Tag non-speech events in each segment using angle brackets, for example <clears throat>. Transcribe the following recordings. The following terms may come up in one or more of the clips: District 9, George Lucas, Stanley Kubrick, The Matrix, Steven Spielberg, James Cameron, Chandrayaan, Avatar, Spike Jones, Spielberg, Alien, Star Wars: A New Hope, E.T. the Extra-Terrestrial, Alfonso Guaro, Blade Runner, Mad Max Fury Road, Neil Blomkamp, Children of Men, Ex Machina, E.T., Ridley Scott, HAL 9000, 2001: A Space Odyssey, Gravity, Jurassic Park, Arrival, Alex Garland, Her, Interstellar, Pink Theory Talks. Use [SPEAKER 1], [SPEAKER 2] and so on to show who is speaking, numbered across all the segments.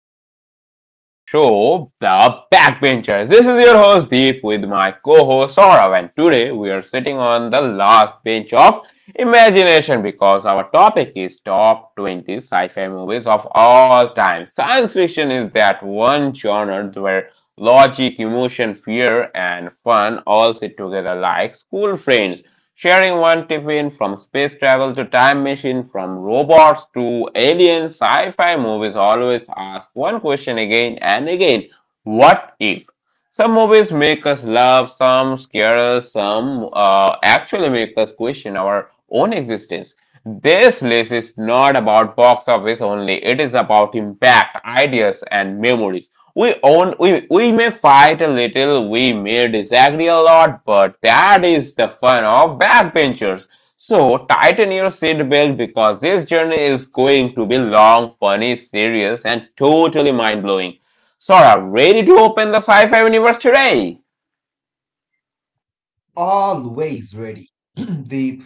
[SPEAKER 1] listeners in the show, The Backbenchers. This is your host Deep with my co-host Saurav, and today we are sitting on the last bench of imagination because our topic is top 20 sci-fi movies of all time. Science fiction is that one genre where logic, emotion, fear, and fun all sit together like school friends. Sharing one tiffin from space travel to time machine, from robots to aliens, sci-fi movies always ask one question again and again. What if? Some movies make us laugh, some scare us, some actually make us question our own existence. This list is not about box office only, it is about impact, ideas, and memories. We may fight a little, we may disagree a lot, but that is the fun of backbenchers. So tighten your seatbelt because this journey is going to be long, funny, serious, and totally mind blowing. Sora, ready to open the sci-fi universe today?
[SPEAKER 2] Always ready. <clears throat> the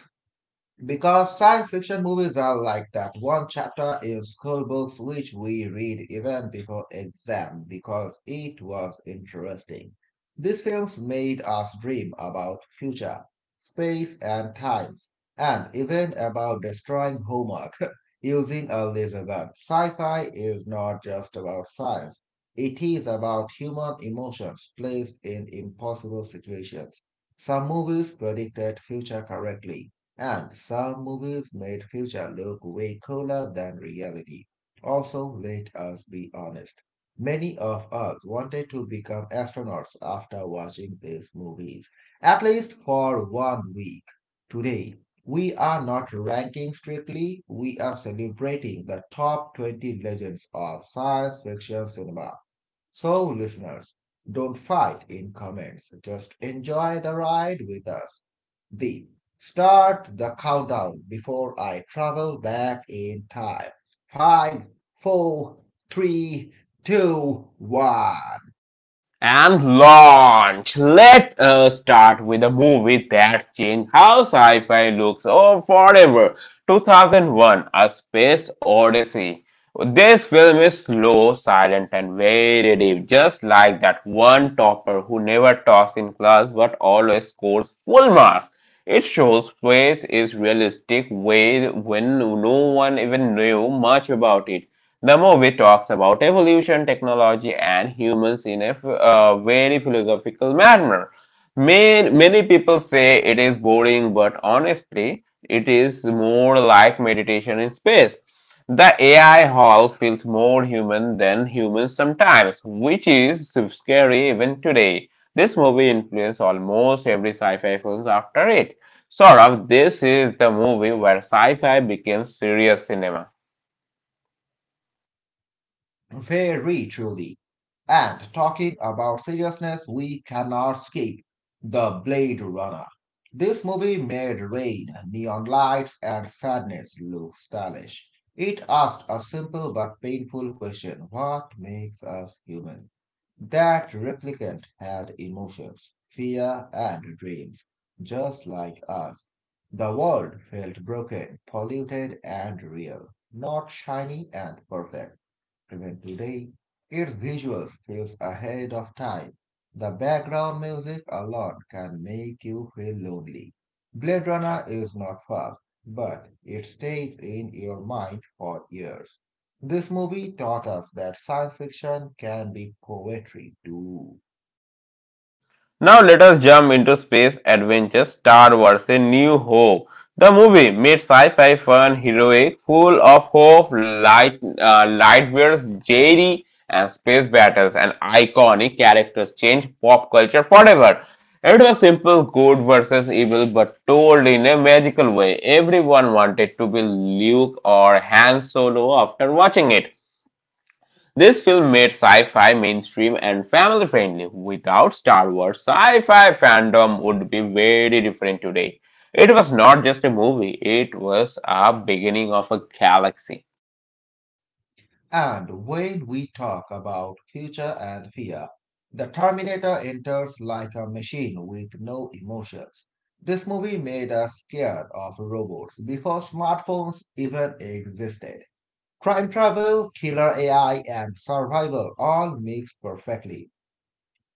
[SPEAKER 2] Because science fiction movies are like that one chapter in school books which we read even before exam because it was interesting. These films made us dream about future, space and times, and even about destroying homework <laughs> using a laser gun. Sci-fi is not just about science. It is about human emotions placed in impossible situations. Some movies predicted future correctly and some movies made future look way cooler than reality. Also, let us be honest. Many of us wanted to become astronauts after watching these movies, at least for one week. Today, we are not ranking strictly, we are celebrating the top 20 legends of science fiction cinema. So, listeners, don't fight in comments. Just enjoy the ride with us. D. Start the countdown before I travel back in time. Five, four, three, two, one.
[SPEAKER 1] And launch. Let us start with a movie that changed how sci fi looks, oh, forever. 2001 A Space Odyssey. This film is slow, silent, and very deep, just like that one topper who never talks in class but always scores full marks. It shows space is realistic way when no one even knew much about it. The movie talks about evolution, technology, and humans in a very philosophical manner. Many, many people say it is boring, but honestly, it is more like meditation in space. The AI hall feels more human than humans sometimes, which is scary even today. This movie influenced almost every sci-fi films after it. Sort of, this is the movie where sci-fi became serious cinema.
[SPEAKER 2] Very truly. And talking about seriousness, we cannot skip The Blade Runner. This movie made rain, neon lights, and sadness look stylish. It asked a simple but painful question: what makes us human? That replicant had emotions, fear, and dreams, just like us. The world felt broken, polluted, and real, not shiny and perfect. Even today, its visuals feels ahead of time. The background music alone can make you feel lonely. Blade Runner is not fast, but it stays in your mind for years. This movie taught us that science fiction can be poetry too.
[SPEAKER 1] Now let us jump into space adventure Star Wars A New Hope. The movie made sci-fi fun, heroic, full of hope, light, lightwares, Jerry, and space battles, and iconic characters change pop culture forever. It was simple good versus evil, but told in a magical way. Everyone wanted to be Luke or Han Solo after watching it. This film made sci-fi mainstream and family-friendly. Without Star Wars, sci-fi fandom would be very different today. It was not just a movie, it was a beginning of a galaxy.
[SPEAKER 2] And when we talk about future and fear, the Terminator enters like a machine with no emotions. This movie made us scared of robots before smartphones even existed. Crime travel, killer AI, and survival all mixed perfectly.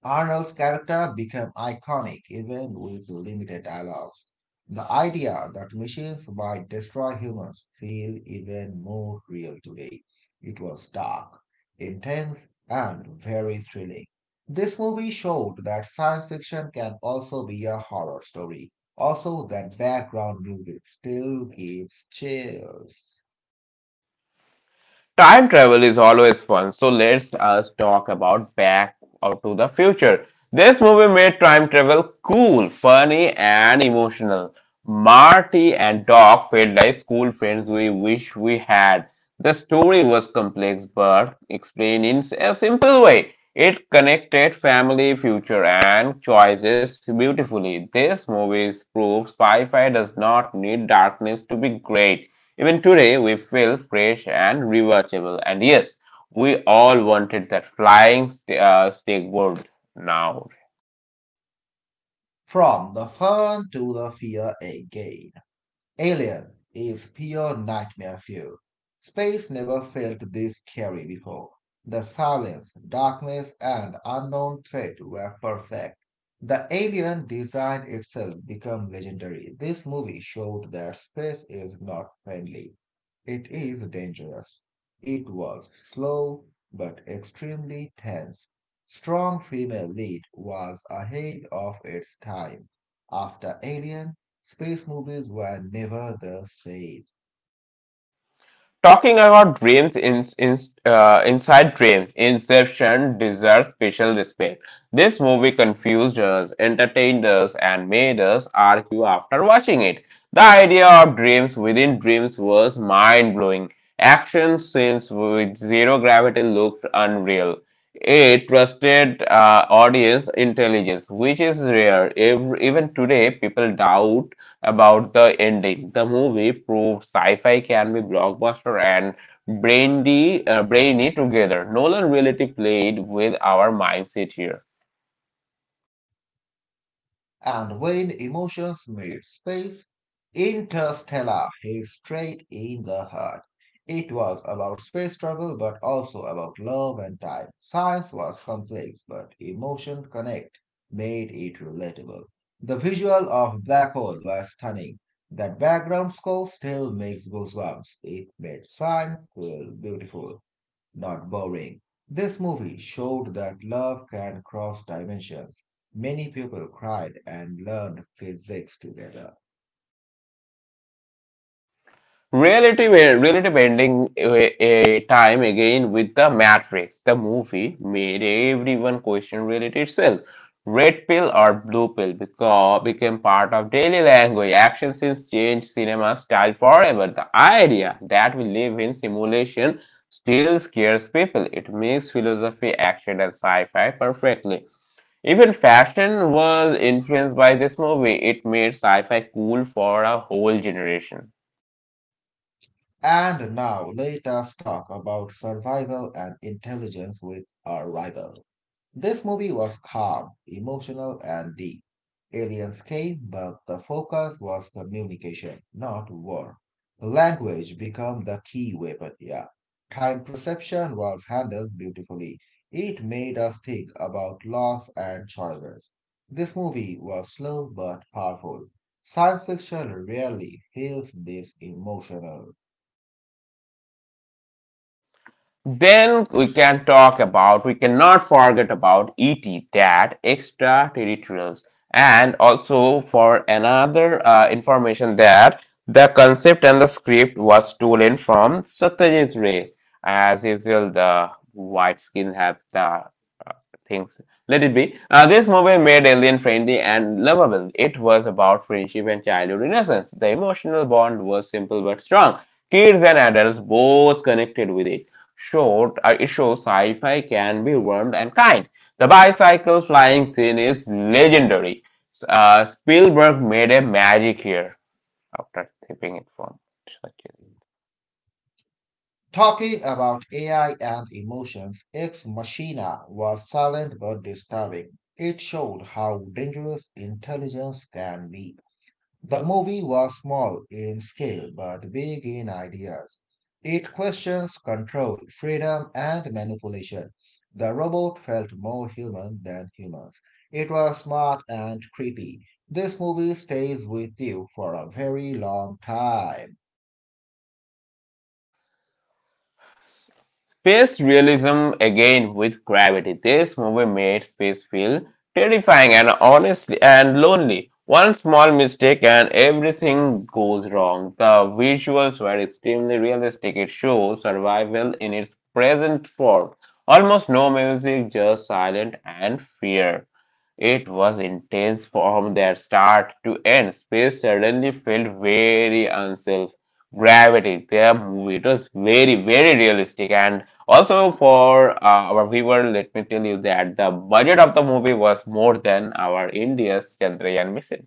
[SPEAKER 2] Arnold's character became iconic even with limited dialogues. The idea that machines might destroy humans feels even more real today. It was dark, intense, and very thrilling. This movie showed that science fiction can also be a horror story. Also, that background music still gives chills.
[SPEAKER 1] Time travel is always fun, so let's us talk about Back or to the Future. This movie made time travel cool, funny, and emotional. Marty and Doc felt like school friends we wish we had. The story was complex but explained in a simple way. It connected family, future, and choices beautifully. This movie proves sci-fi does not need darkness to be great. Even today, we feel fresh and rewatchable. And yes, we all wanted that flying steak world now.
[SPEAKER 2] From the fun to the fear again. Alien is pure nightmare fuel. Space never felt this scary before. The silence, darkness, and unknown threat were perfect. The alien design itself became legendary. This movie showed that space is not friendly. It is dangerous. It was slow but extremely tense. Strong female lead was ahead of its time. After Alien, space movies were never the same.
[SPEAKER 1] Talking about dreams inside dreams, Inception deserves special respect. This movie confused us, entertained us, and made us argue after watching it. The idea of dreams within dreams was mind blowing. Action scenes with zero gravity looked unreal. It trusted audience intelligence, which is rare. Even today, people doubt about the ending. The movie proved sci-fi can be blockbuster and brainy together. Nolan really played with our mindset here.
[SPEAKER 2] And when emotions made space, Interstellar hit straight in the heart. It was about space travel, but also about love and time. Science was complex, but emotion connect made it relatable. The visual of black hole was stunning. That background score still makes goosebumps. It made science feel beautiful, not boring. This movie showed that love can cross dimensions. Many people cried and learned physics together.
[SPEAKER 1] Relative ending a time again with The Matrix. The movie made everyone question reality itself. Red pill or blue pill because became part of daily language. Action scenes changed cinema style forever. The idea that we live in simulation still scares people. It makes philosophy, action, and sci-fi perfectly. Even fashion was influenced by this movie. It made sci-fi cool for a whole generation.
[SPEAKER 2] And now let us talk about survival and intelligence with our rival. This movie was calm, emotional, and deep. Aliens came, but the focus was communication, not war. Language became the key weapon, yeah. Time perception was handled beautifully. It made us think about loss and choices. This movie was slow but powerful. Science fiction rarely feels this emotional.
[SPEAKER 1] Then we cannot forget about E.T., that extraterrestrials. And also for another information that the concept and the script was stolen from Satyajit Ray. As usual, the white skin have the things. Let it be. This movie made Alien friendly and lovable. It was about friendship and childhood innocence. The emotional bond was simple but strong. Kids and adults both connected with it. It shows sci-fi can be warm and kind. The bicycle flying scene is legendary. Spielberg made a magic here after tipping it from. Such. A.
[SPEAKER 2] Talking about AI and emotions, Ex Machina was silent but disturbing. It showed how dangerous intelligence can be. The movie was small in scale but big in ideas. It questions control, freedom, and manipulation. The robot felt more human than humans. It was smart and creepy. This movie stays with you for a very long time.
[SPEAKER 1] Space realism again with gravity. This movie made space feel terrifying and honestly and lonely. One small mistake and everything goes wrong. The visuals were extremely realistic. It shows survival in its present form. Almost no music, just silence and fear. It was intense from their start to end. Space suddenly felt very unself. Gravity, their movie, it was very, very realistic and also, for our viewer, let me tell you that the budget of the movie was more than our India's Chandrayaan mission.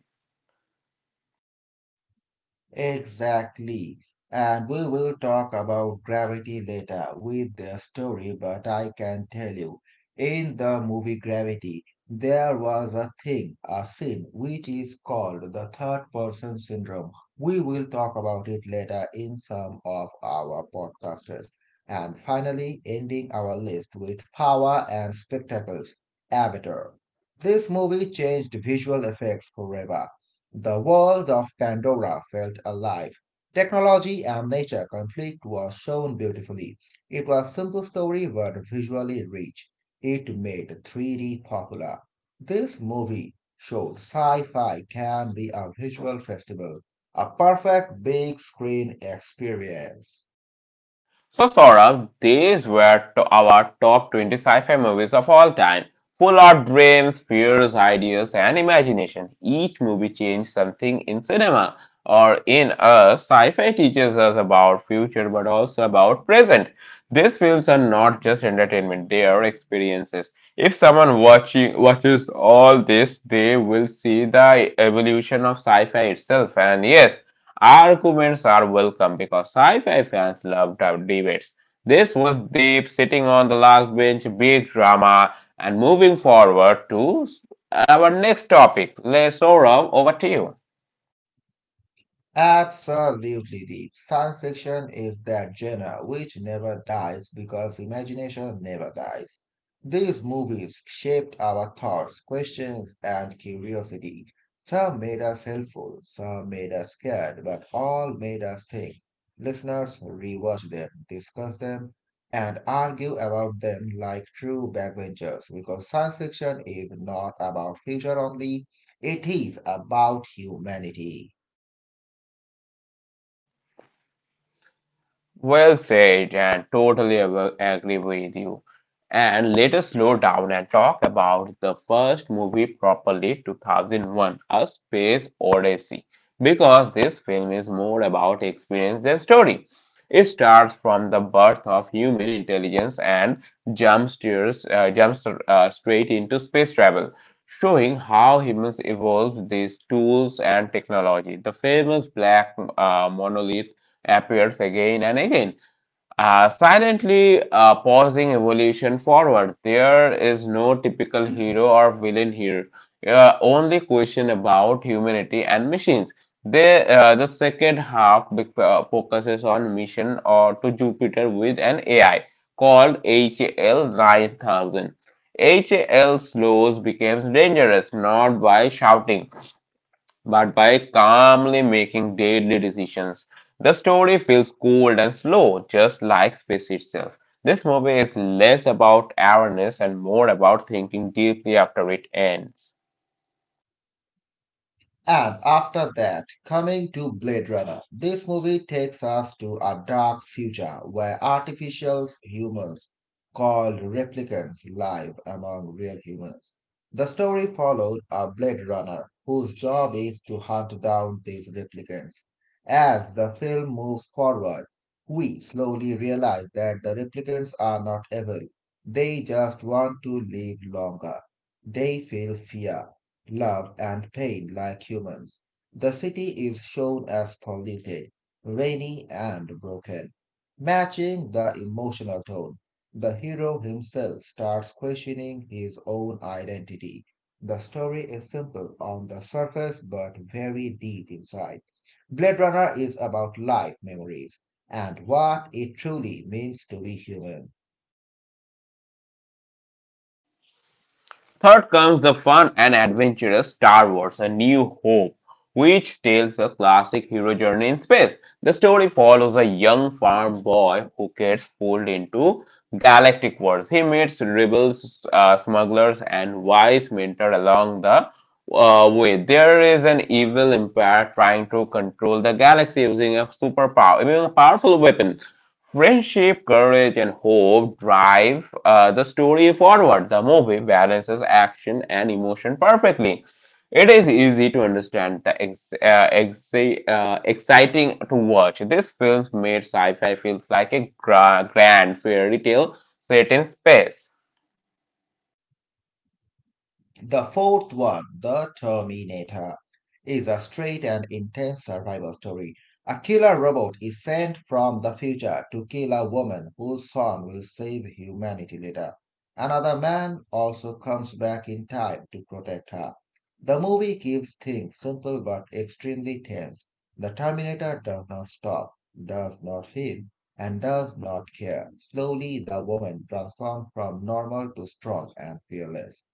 [SPEAKER 2] Exactly. And we will talk about Gravity later with the story, but I can tell you, in the movie Gravity, there was a thing, a scene, which is called the third person syndrome. We will talk about it later in some of our podcasters. And finally, ending our list with Power and Spectacles, Avatar. This movie changed visual effects forever. The world of Pandora felt alive. Technology and nature conflict was shown beautifully. It was a simple story but visually rich. It made 3D popular. This movie showed sci-fi can be a visual festival, a perfect big screen experience.
[SPEAKER 1] So, Saurabh, these were to our top 20 sci-fi movies of all time, full of dreams, fears, ideas, and imagination. Each movie changed something in cinema or in us. Sci-fi teaches us about future, but also about present. These films are not just entertainment; they are experiences. If someone watching watches all this, they will see the evolution of sci-fi itself. And yes, arguments are welcome because sci fi fans loved our debates. This was Deep sitting on the last bench, big drama, and moving forward to our next topic. Let's Saurav, over to you.
[SPEAKER 2] Absolutely deep. Science fiction is that genre which never dies because imagination never dies. These movies shaped our thoughts, questions, and curiosity. Some made us helpful, some made us scared, but all made us think. Listeners, rewatch them, discuss them, and argue about them like true backbenchers because science fiction is not about future only, it is about humanity.
[SPEAKER 1] Well said, and totally agree with you. And let us slow down and talk about the first movie properly, 2001 A Space Odyssey, because this film is more about experience than story. It starts from the birth of human intelligence and jumps straight into space travel, showing how humans evolved these tools and technology. The famous black monolith appears again and again, silently pausing evolution forward. There is no typical hero or villain here, only question about humanity and machines. The second half focuses on mission or to Jupiter with an AI called HAL 9000. HAL slows becomes dangerous not by shouting but by calmly making daily decisions. The story feels cold and slow, just like space itself. This movie is less about awareness and more about thinking deeply after it ends.
[SPEAKER 2] And after that, coming to Blade Runner, this movie takes us to a dark future where artificial humans called replicants live among real humans. The story followed a Blade Runner whose job is to hunt down these replicants. As the film moves forward, we slowly realize that the replicants are not evil. They just want to live longer. They feel fear, love, and pain like humans. The city is shown as polluted, rainy, and broken. Matching the emotional tone, the hero himself starts questioning his own identity. The story is simple on the surface but very deep inside. Blade Runner is about life memories and what it truly means to be human.
[SPEAKER 1] Third comes the fun and adventurous Star Wars A New Hope, which tells a classic hero journey in space. The story follows a young farm boy who gets pulled into galactic wars. He meets rebels, smugglers, and wise mentor along the way. There is an evil empire trying to control the galaxy using a powerful weapon. Friendship, courage, and hope drive the story forward. The movie balances action and emotion perfectly. It is easy to understand the exciting to watch. This film made sci-fi feels like a grand fairy tale set in space.
[SPEAKER 2] The fourth one, The Terminator, is a straight and intense survival story. A killer robot is sent from the future to kill a woman whose son will save humanity later. Another man also comes back in time to protect her. The movie keeps things simple but extremely tense. The Terminator does not stop, does not feel, and does not care. Slowly, the woman transforms from normal to strong and fearless.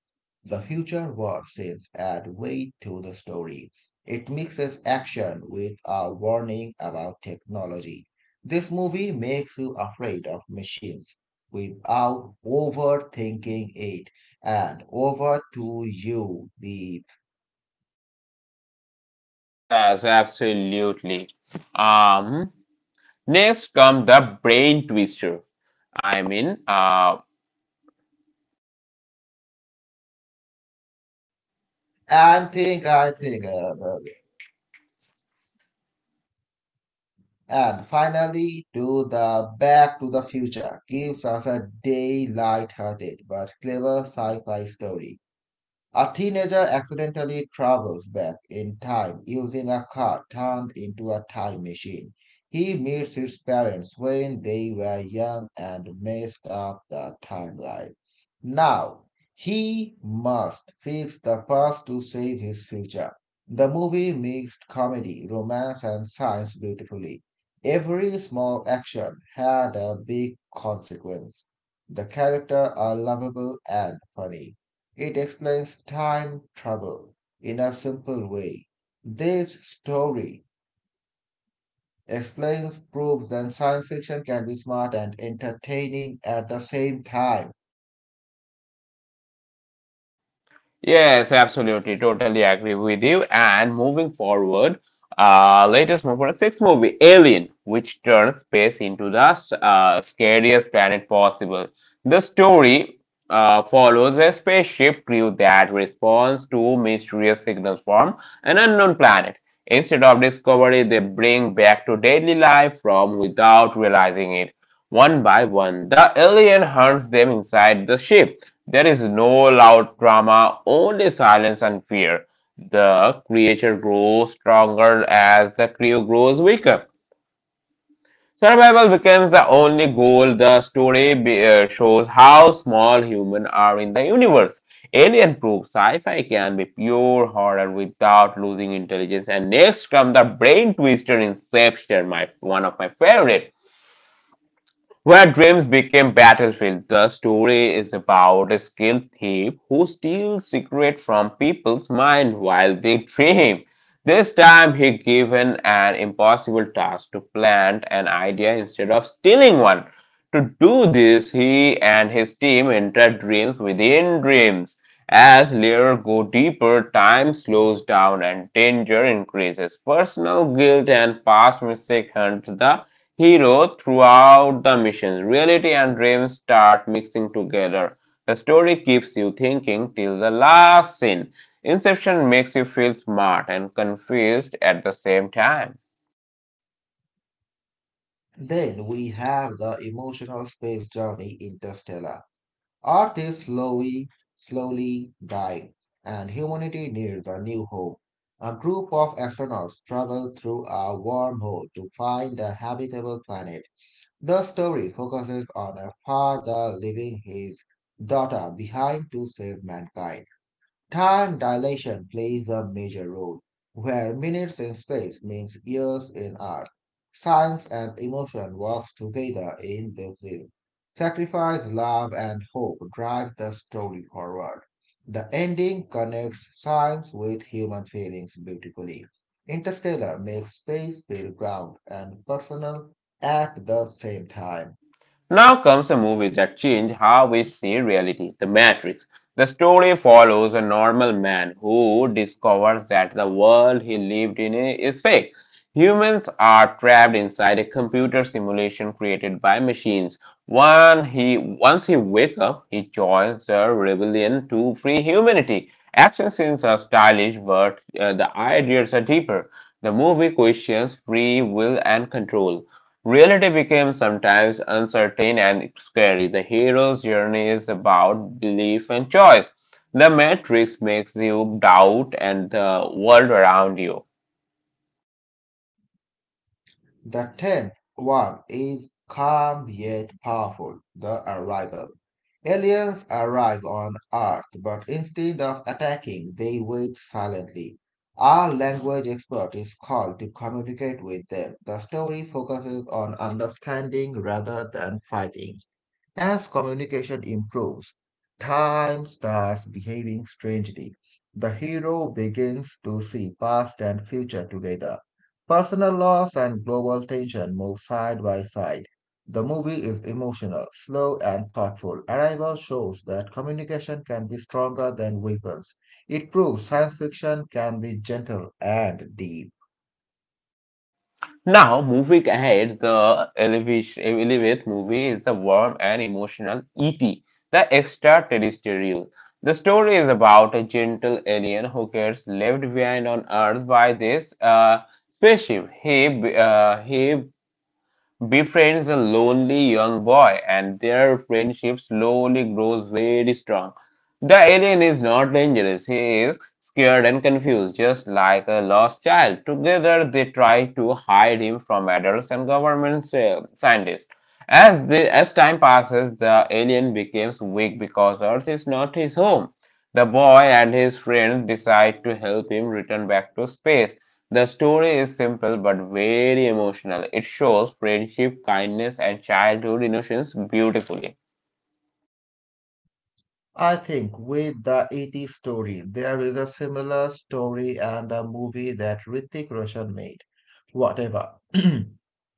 [SPEAKER 2] The future war seems add weight to the story. It mixes action with a warning about technology. This movie makes you afraid of machines without overthinking it, and over to you deep.
[SPEAKER 1] Yes, absolutely. Um, Next comes the brain twister. I mean,
[SPEAKER 2] And think I think And finally to the Back to the Future gives us a daylight-hearted but clever sci-fi story. A teenager accidentally travels back in time using a car turned into a time machine. He meets his parents when they were young and messed up the timeline. Now, he must fix the past to save his future. The movie mixed comedy, romance, and science beautifully. Every small action had a big consequence. The characters are lovable and funny. It explains time travel in a simple way. This story explains, proves that science fiction can be smart and entertaining at the same time.
[SPEAKER 1] Yes, absolutely. Totally agree with you. And moving forward, latest number sixth movie, Alien, which turns space into the scariest planet possible. The story follows a spaceship crew that responds to mysterious signals from an unknown planet. Instead of discovery, they bring back to daily life from without realizing it. One by one, the alien hunts them inside the ship. There is no loud drama, only silence and fear. The creature grows stronger as the crew grows weaker. Survival becomes the only goal. The story shows how small humans are in the universe. Alien proves sci-fi can be pure horror without losing intelligence. And next comes the brain twister Inception, my one of my favorite. Where dreams became battlefield, the story is about a skilled thief who steals secrets from people's mind while they dream. This time he given an impossible task to plant an idea instead of stealing one. To do this, he and his team enter dreams within dreams. As layers go deeper, time slows down and danger increases. Personal guilt and past mistakes hunt the hero throughout the mission. Reality and dreams start mixing together. The story keeps you thinking till the last scene. Inception makes you feel smart and confused at the same time.
[SPEAKER 2] Then we have the emotional space journey Interstellar. Earth is slowly dying, and humanity needs a new home. A group of astronauts travel through a wormhole to find a habitable planet. The story focuses on a father leaving his daughter behind to save mankind. Time dilation plays a major role, where minutes in space means years in Earth. Science and emotion works together in the film. Sacrifice, love, and hope drive the story forward. The ending connects science with human feelings beautifully. Interstellar makes space feel ground and personal at the same time.
[SPEAKER 1] Now comes a movie that changed how we see reality. The Matrix. The story follows a normal man who discovers that the world he lived in is fake. Humans are trapped inside a computer simulation created by machines. Once he wakes up, he joins the rebellion to free humanity. Action scenes are stylish, but the ideas are deeper. The movie questions free will and control. Reality became sometimes uncertain and scary. The hero's journey is about belief and choice. The Matrix makes you doubt and the world around you.
[SPEAKER 2] The tenth one is calm yet powerful, the arrival. Aliens arrive on Earth, but instead of attacking, they wait silently. Our language expert is called to communicate with them. The story focuses on understanding rather than fighting. As communication improves, time starts behaving strangely. The hero begins to see past and future together. Personal loss and global tension move side by side. The movie is emotional, slow, and thoughtful. Arrival shows that communication can be stronger than weapons. It proves science fiction can be gentle and deep.
[SPEAKER 1] Now, moving ahead, the 11th movie is the warm and emotional E.T., the extraterrestrial. The story is about a gentle alien who gets left behind on Earth by this spaceship. He befriends a lonely young boy, and their friendship slowly grows very strong. The alien is not dangerous, he is scared and confused, just like a lost child. Together, they try to hide him from adults and government scientists. As time passes, the alien becomes weak because Earth is not his home. The boy and his friends decide to help him return back to space. The story is simple but very emotional. It shows friendship, kindness, and childhood innocence beautifully.
[SPEAKER 2] I think with the 80s story, there is a similar story and the movie that Hrithik Roshan made. Whatever. <clears throat>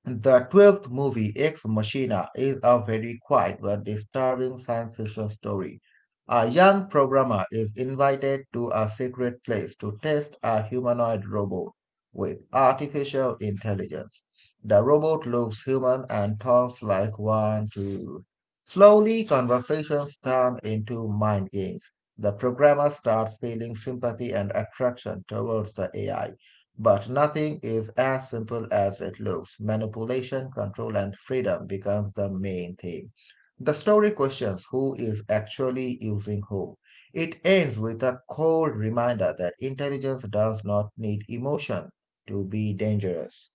[SPEAKER 2] The 12th movie, Ex Machina, is a very quiet but disturbing science fiction story. A young programmer is invited to a secret place to test a humanoid robot with artificial intelligence. The robot looks human and talks like one, two. Slowly, conversations turn into mind games. The programmer starts feeling sympathy and attraction towards the AI, but nothing is as simple as it looks. Manipulation, control, and freedom becomes the main theme. The story questions who is actually using whom. It ends with a cold reminder that intelligence does not need emotion to be dangerous.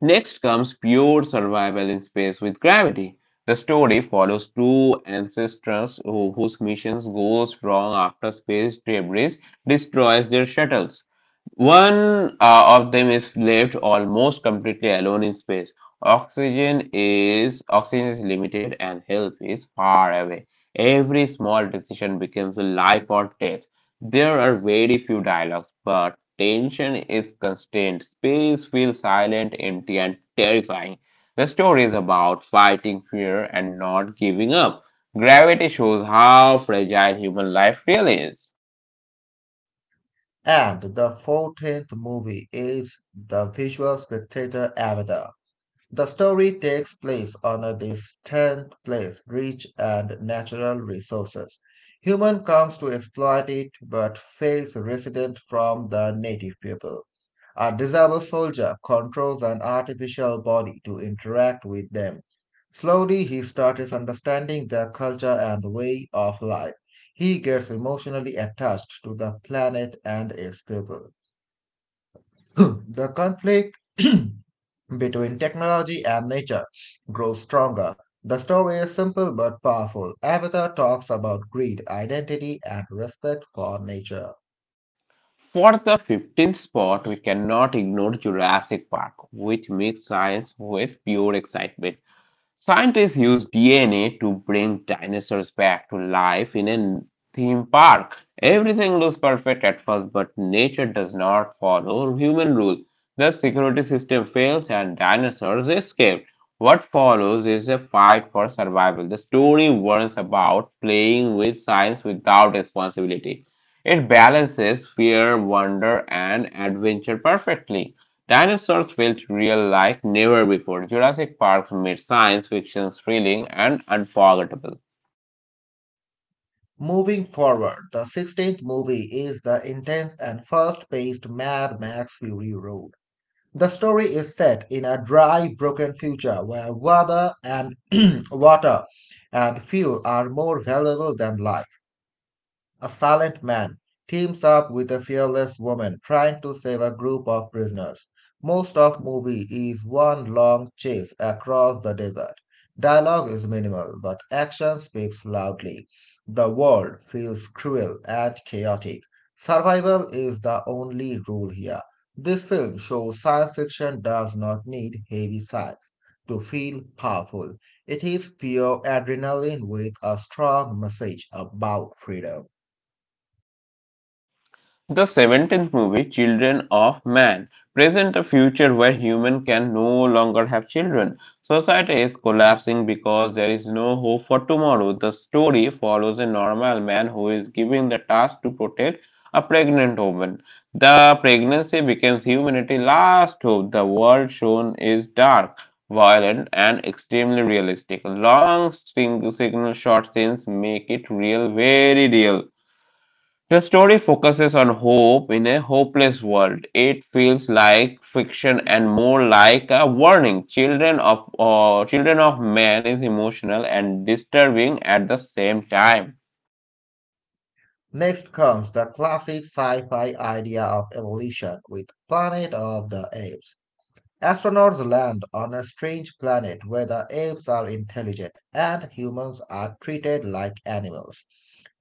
[SPEAKER 1] Next comes pure survival in space with gravity. The story follows two ancestors whose missions goes wrong after space debris destroys their shuttles. One of them is left almost completely alone in space. Oxygen is limited and help is far away. Every small decision becomes a life or death. There are very few dialogues, but tension is constant. Space feels silent, empty, and terrifying. The story is about fighting fear and not giving up. Gravity shows how fragile human life really is.
[SPEAKER 2] And the 14th movie is the visual spectator Avatar. The story takes place on a distant place rich and natural resources. Human comes to exploit it but fails resident from the native people. A disabled soldier controls an artificial body to interact with them. Slowly he starts understanding their culture and way of life. He gets emotionally attached to the planet and its people. <clears throat> The conflict <clears throat> between technology and nature grows stronger. The story is simple but powerful. Avatar talks about greed, identity, and respect for nature.
[SPEAKER 1] For the fifteenth spot, we cannot ignore Jurassic Park, which mixed science with pure excitement. Scientists use DNA to bring dinosaurs back to life in a theme park. Everything looks perfect at first, but nature does not follow human rules. The security system fails and dinosaurs escape. What follows is a fight for survival. The story warns about playing with science without responsibility. It balances fear, wonder, and adventure perfectly. Dinosaurs felt real like never before. Jurassic Park made science fiction thrilling and unforgettable.
[SPEAKER 2] Moving forward, the 16th movie is the intense and fast paced Mad Max Fury Road. The story is set in a dry, broken future where <clears throat> water and fuel are more valuable than life. A silent man teams up with a fearless woman trying to save a group of prisoners. Most of movie is one long chase across the desert. Dialogue is minimal, but action speaks loudly. The world feels cruel and chaotic. Survival is the only rule here. This film shows science fiction does not need heavy science to feel powerful. It is pure adrenaline with a strong message about freedom.
[SPEAKER 1] The seventeenth movie, Children of Man, presents a future where humans can no longer have children. Society is collapsing because there is no hope for tomorrow. The story follows a normal man who is given the task to protect a pregnant woman. The pregnancy becomes humanity's last hope. The world shown is dark, violent, and extremely realistic. Long signal short scenes make it real, very real. The story focuses on hope in a hopeless world. It feels like fiction and more like a warning. Children of Man is emotional and disturbing at the same time.
[SPEAKER 2] Next comes the classic sci fi idea of evolution with Planet of the Apes. Astronauts land on a strange planet where the apes are intelligent and humans are treated like animals.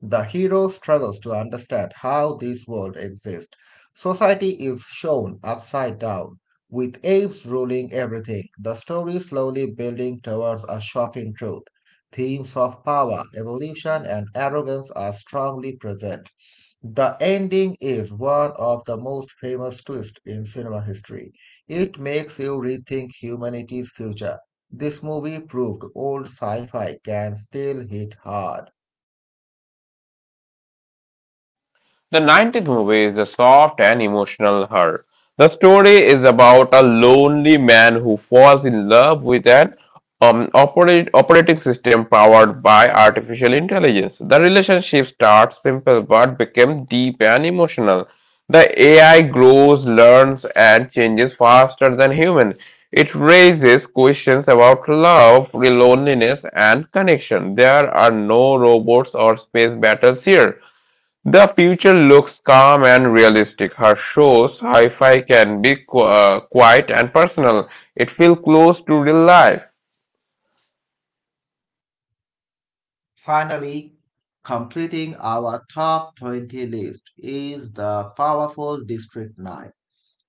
[SPEAKER 2] The hero struggles to understand how this world exists. Society is shown upside down, with apes ruling everything. The story slowly building towards a shocking truth. Themes of power, evolution, and arrogance are strongly present. The ending is one of the most famous twists in cinema history. It makes you rethink humanity's future. This movie proved old sci fi can still hit hard.
[SPEAKER 1] The 19th movie is a soft and emotional her. The story is about a lonely man who falls in love with an operating system powered by artificial intelligence. The relationship starts simple but becomes deep and emotional. The AI grows, learns, and changes faster than human. It raises questions about love, loneliness, and connection. There are no robots or space battles here. The future looks calm and realistic. Her shows, hi fi, can be quiet and personal. It feels close to real life.
[SPEAKER 2] Finally, completing our top 20 list is the powerful District 9.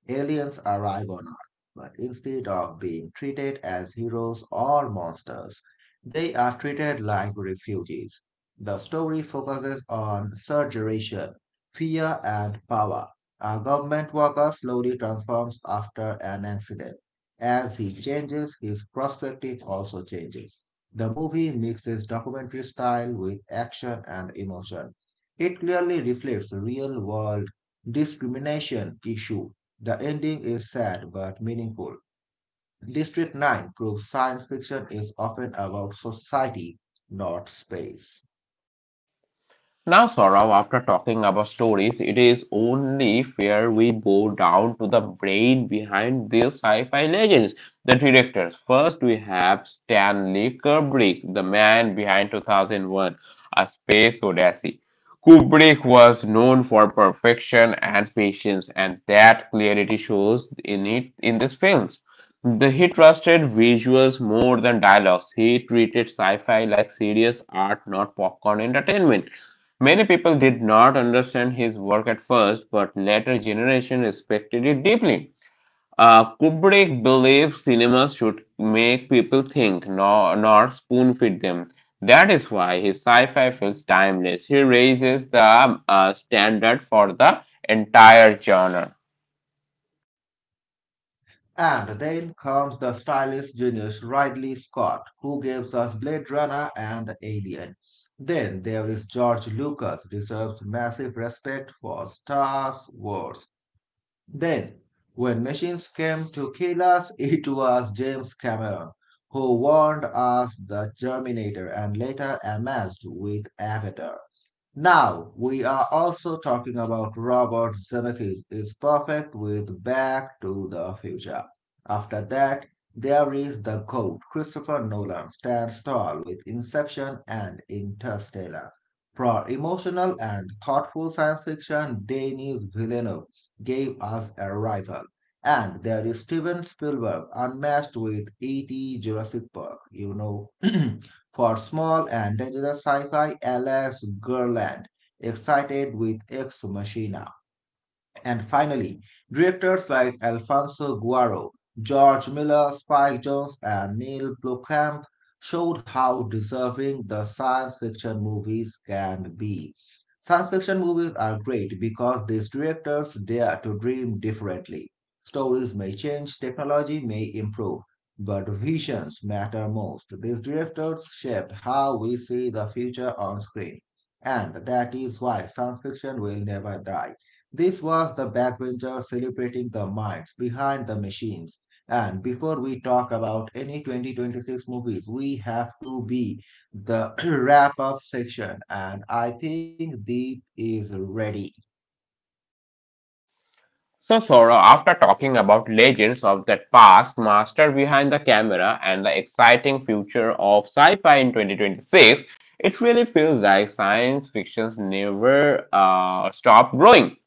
[SPEAKER 2] Aliens arrive on Earth, but instead of being treated as heroes or monsters, they are treated like refugees. The story focuses on surgeration, fear, and power. A government worker slowly transforms after an accident. As he changes, his perspective also changes. The movie mixes documentary style with action and emotion. It clearly reflects real world discrimination issue. The ending is sad but meaningful. District 9 proves science fiction is often about society, not space.
[SPEAKER 1] Now, Saurav, after talking about stories, it is only fair we bow down to the brain behind these sci-fi legends, the directors. First, we have Stanley Kubrick, the man behind 2001: A Space Odyssey. Kubrick was known for perfection and patience, and that clarity shows in it in these films. He trusted visuals more than dialogues. He treated sci fi like serious art, not popcorn entertainment. Many people did not understand his work at first, but later generations respected it deeply. Kubrick believed cinema should make people think, no, not spoon feed them. That is why his sci fi feels timeless. He raises the standard for the entire genre.
[SPEAKER 2] And then comes the stylish genius Ridley Scott, who gives us Blade Runner and Alien. Then there is George Lucas, deserves massive respect for Star Wars. Then, when machines came to kill us, <laughs> it was James Cameron who warned us the Terminator and later amassed with Avatar. Now, we are also talking about Robert Zemeckis is perfect with Back to the Future. After that, there is the GOAT. Christopher Nolan stands tall with Inception and Interstellar. For emotional and thoughtful science fiction, Denis Villeneuve gave us Arrival. And there is Steven Spielberg, unmatched with E.T., Jurassic Park, you know. <clears throat> For small and dangerous sci fi, Alex Garland, excited with Ex Machina. And finally, directors like Alfonso Guaro, George Miller, Spike Jones, and Neil Blomkamp showed how deserving the science fiction movies can be. Science fiction movies are great because these directors dare to dream differently. Stories may change, technology may improve, but visions matter most. These directors shaped how we see the future on screen, and that is why science fiction will never die. This was the backbencher celebrating the minds behind the machines. And before we talk about any 2026 movies, we have to be the <clears throat> wrap up section. And I think Deep is ready.
[SPEAKER 1] So, Sora, after talking about legends of that past, master behind the camera, and the exciting future of sci fi in 2026, it really feels like science fiction's never stopped growing.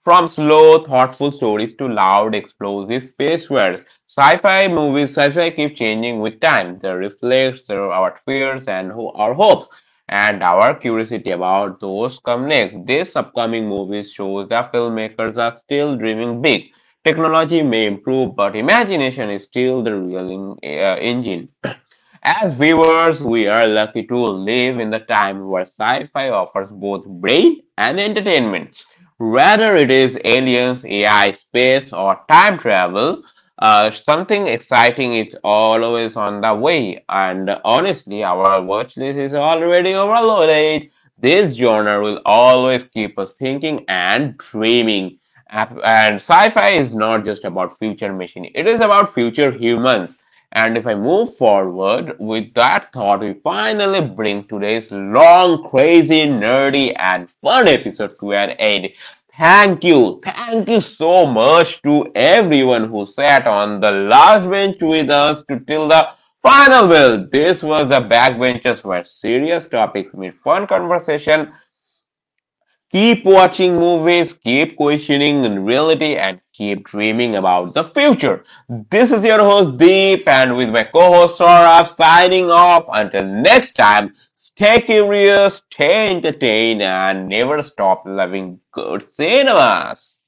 [SPEAKER 1] From slow, thoughtful stories to loud, explosive space worlds, sci-fi keep changing with time. They reflect our fears and our hopes, and our curiosity about those come next. These upcoming movies shows that filmmakers are still dreaming big. Technology may improve, but imagination is still the real engine. As viewers, we are lucky to live in the time where sci fi offers both brain and entertainment. Whether it is aliens, AI, space, or time travel, something exciting is always on the way. And honestly, our watch list is already overloaded. This genre will always keep us thinking and dreaming. And sci fi is not just about future machine, it is about future humans. And if I move forward with that thought, we finally bring today's long, crazy, nerdy, and fun episode to an end. Thank you. Thank you so much to everyone who sat on the last bench with us to till the final bell. This was the Backbenchers where serious topics meet fun conversation. Keep watching movies, keep questioning reality, and keep dreaming about the future. This is your host Deep, and with my co host Saurabh signing off. Until next time, stay curious, stay entertained, and never stop loving good cinemas.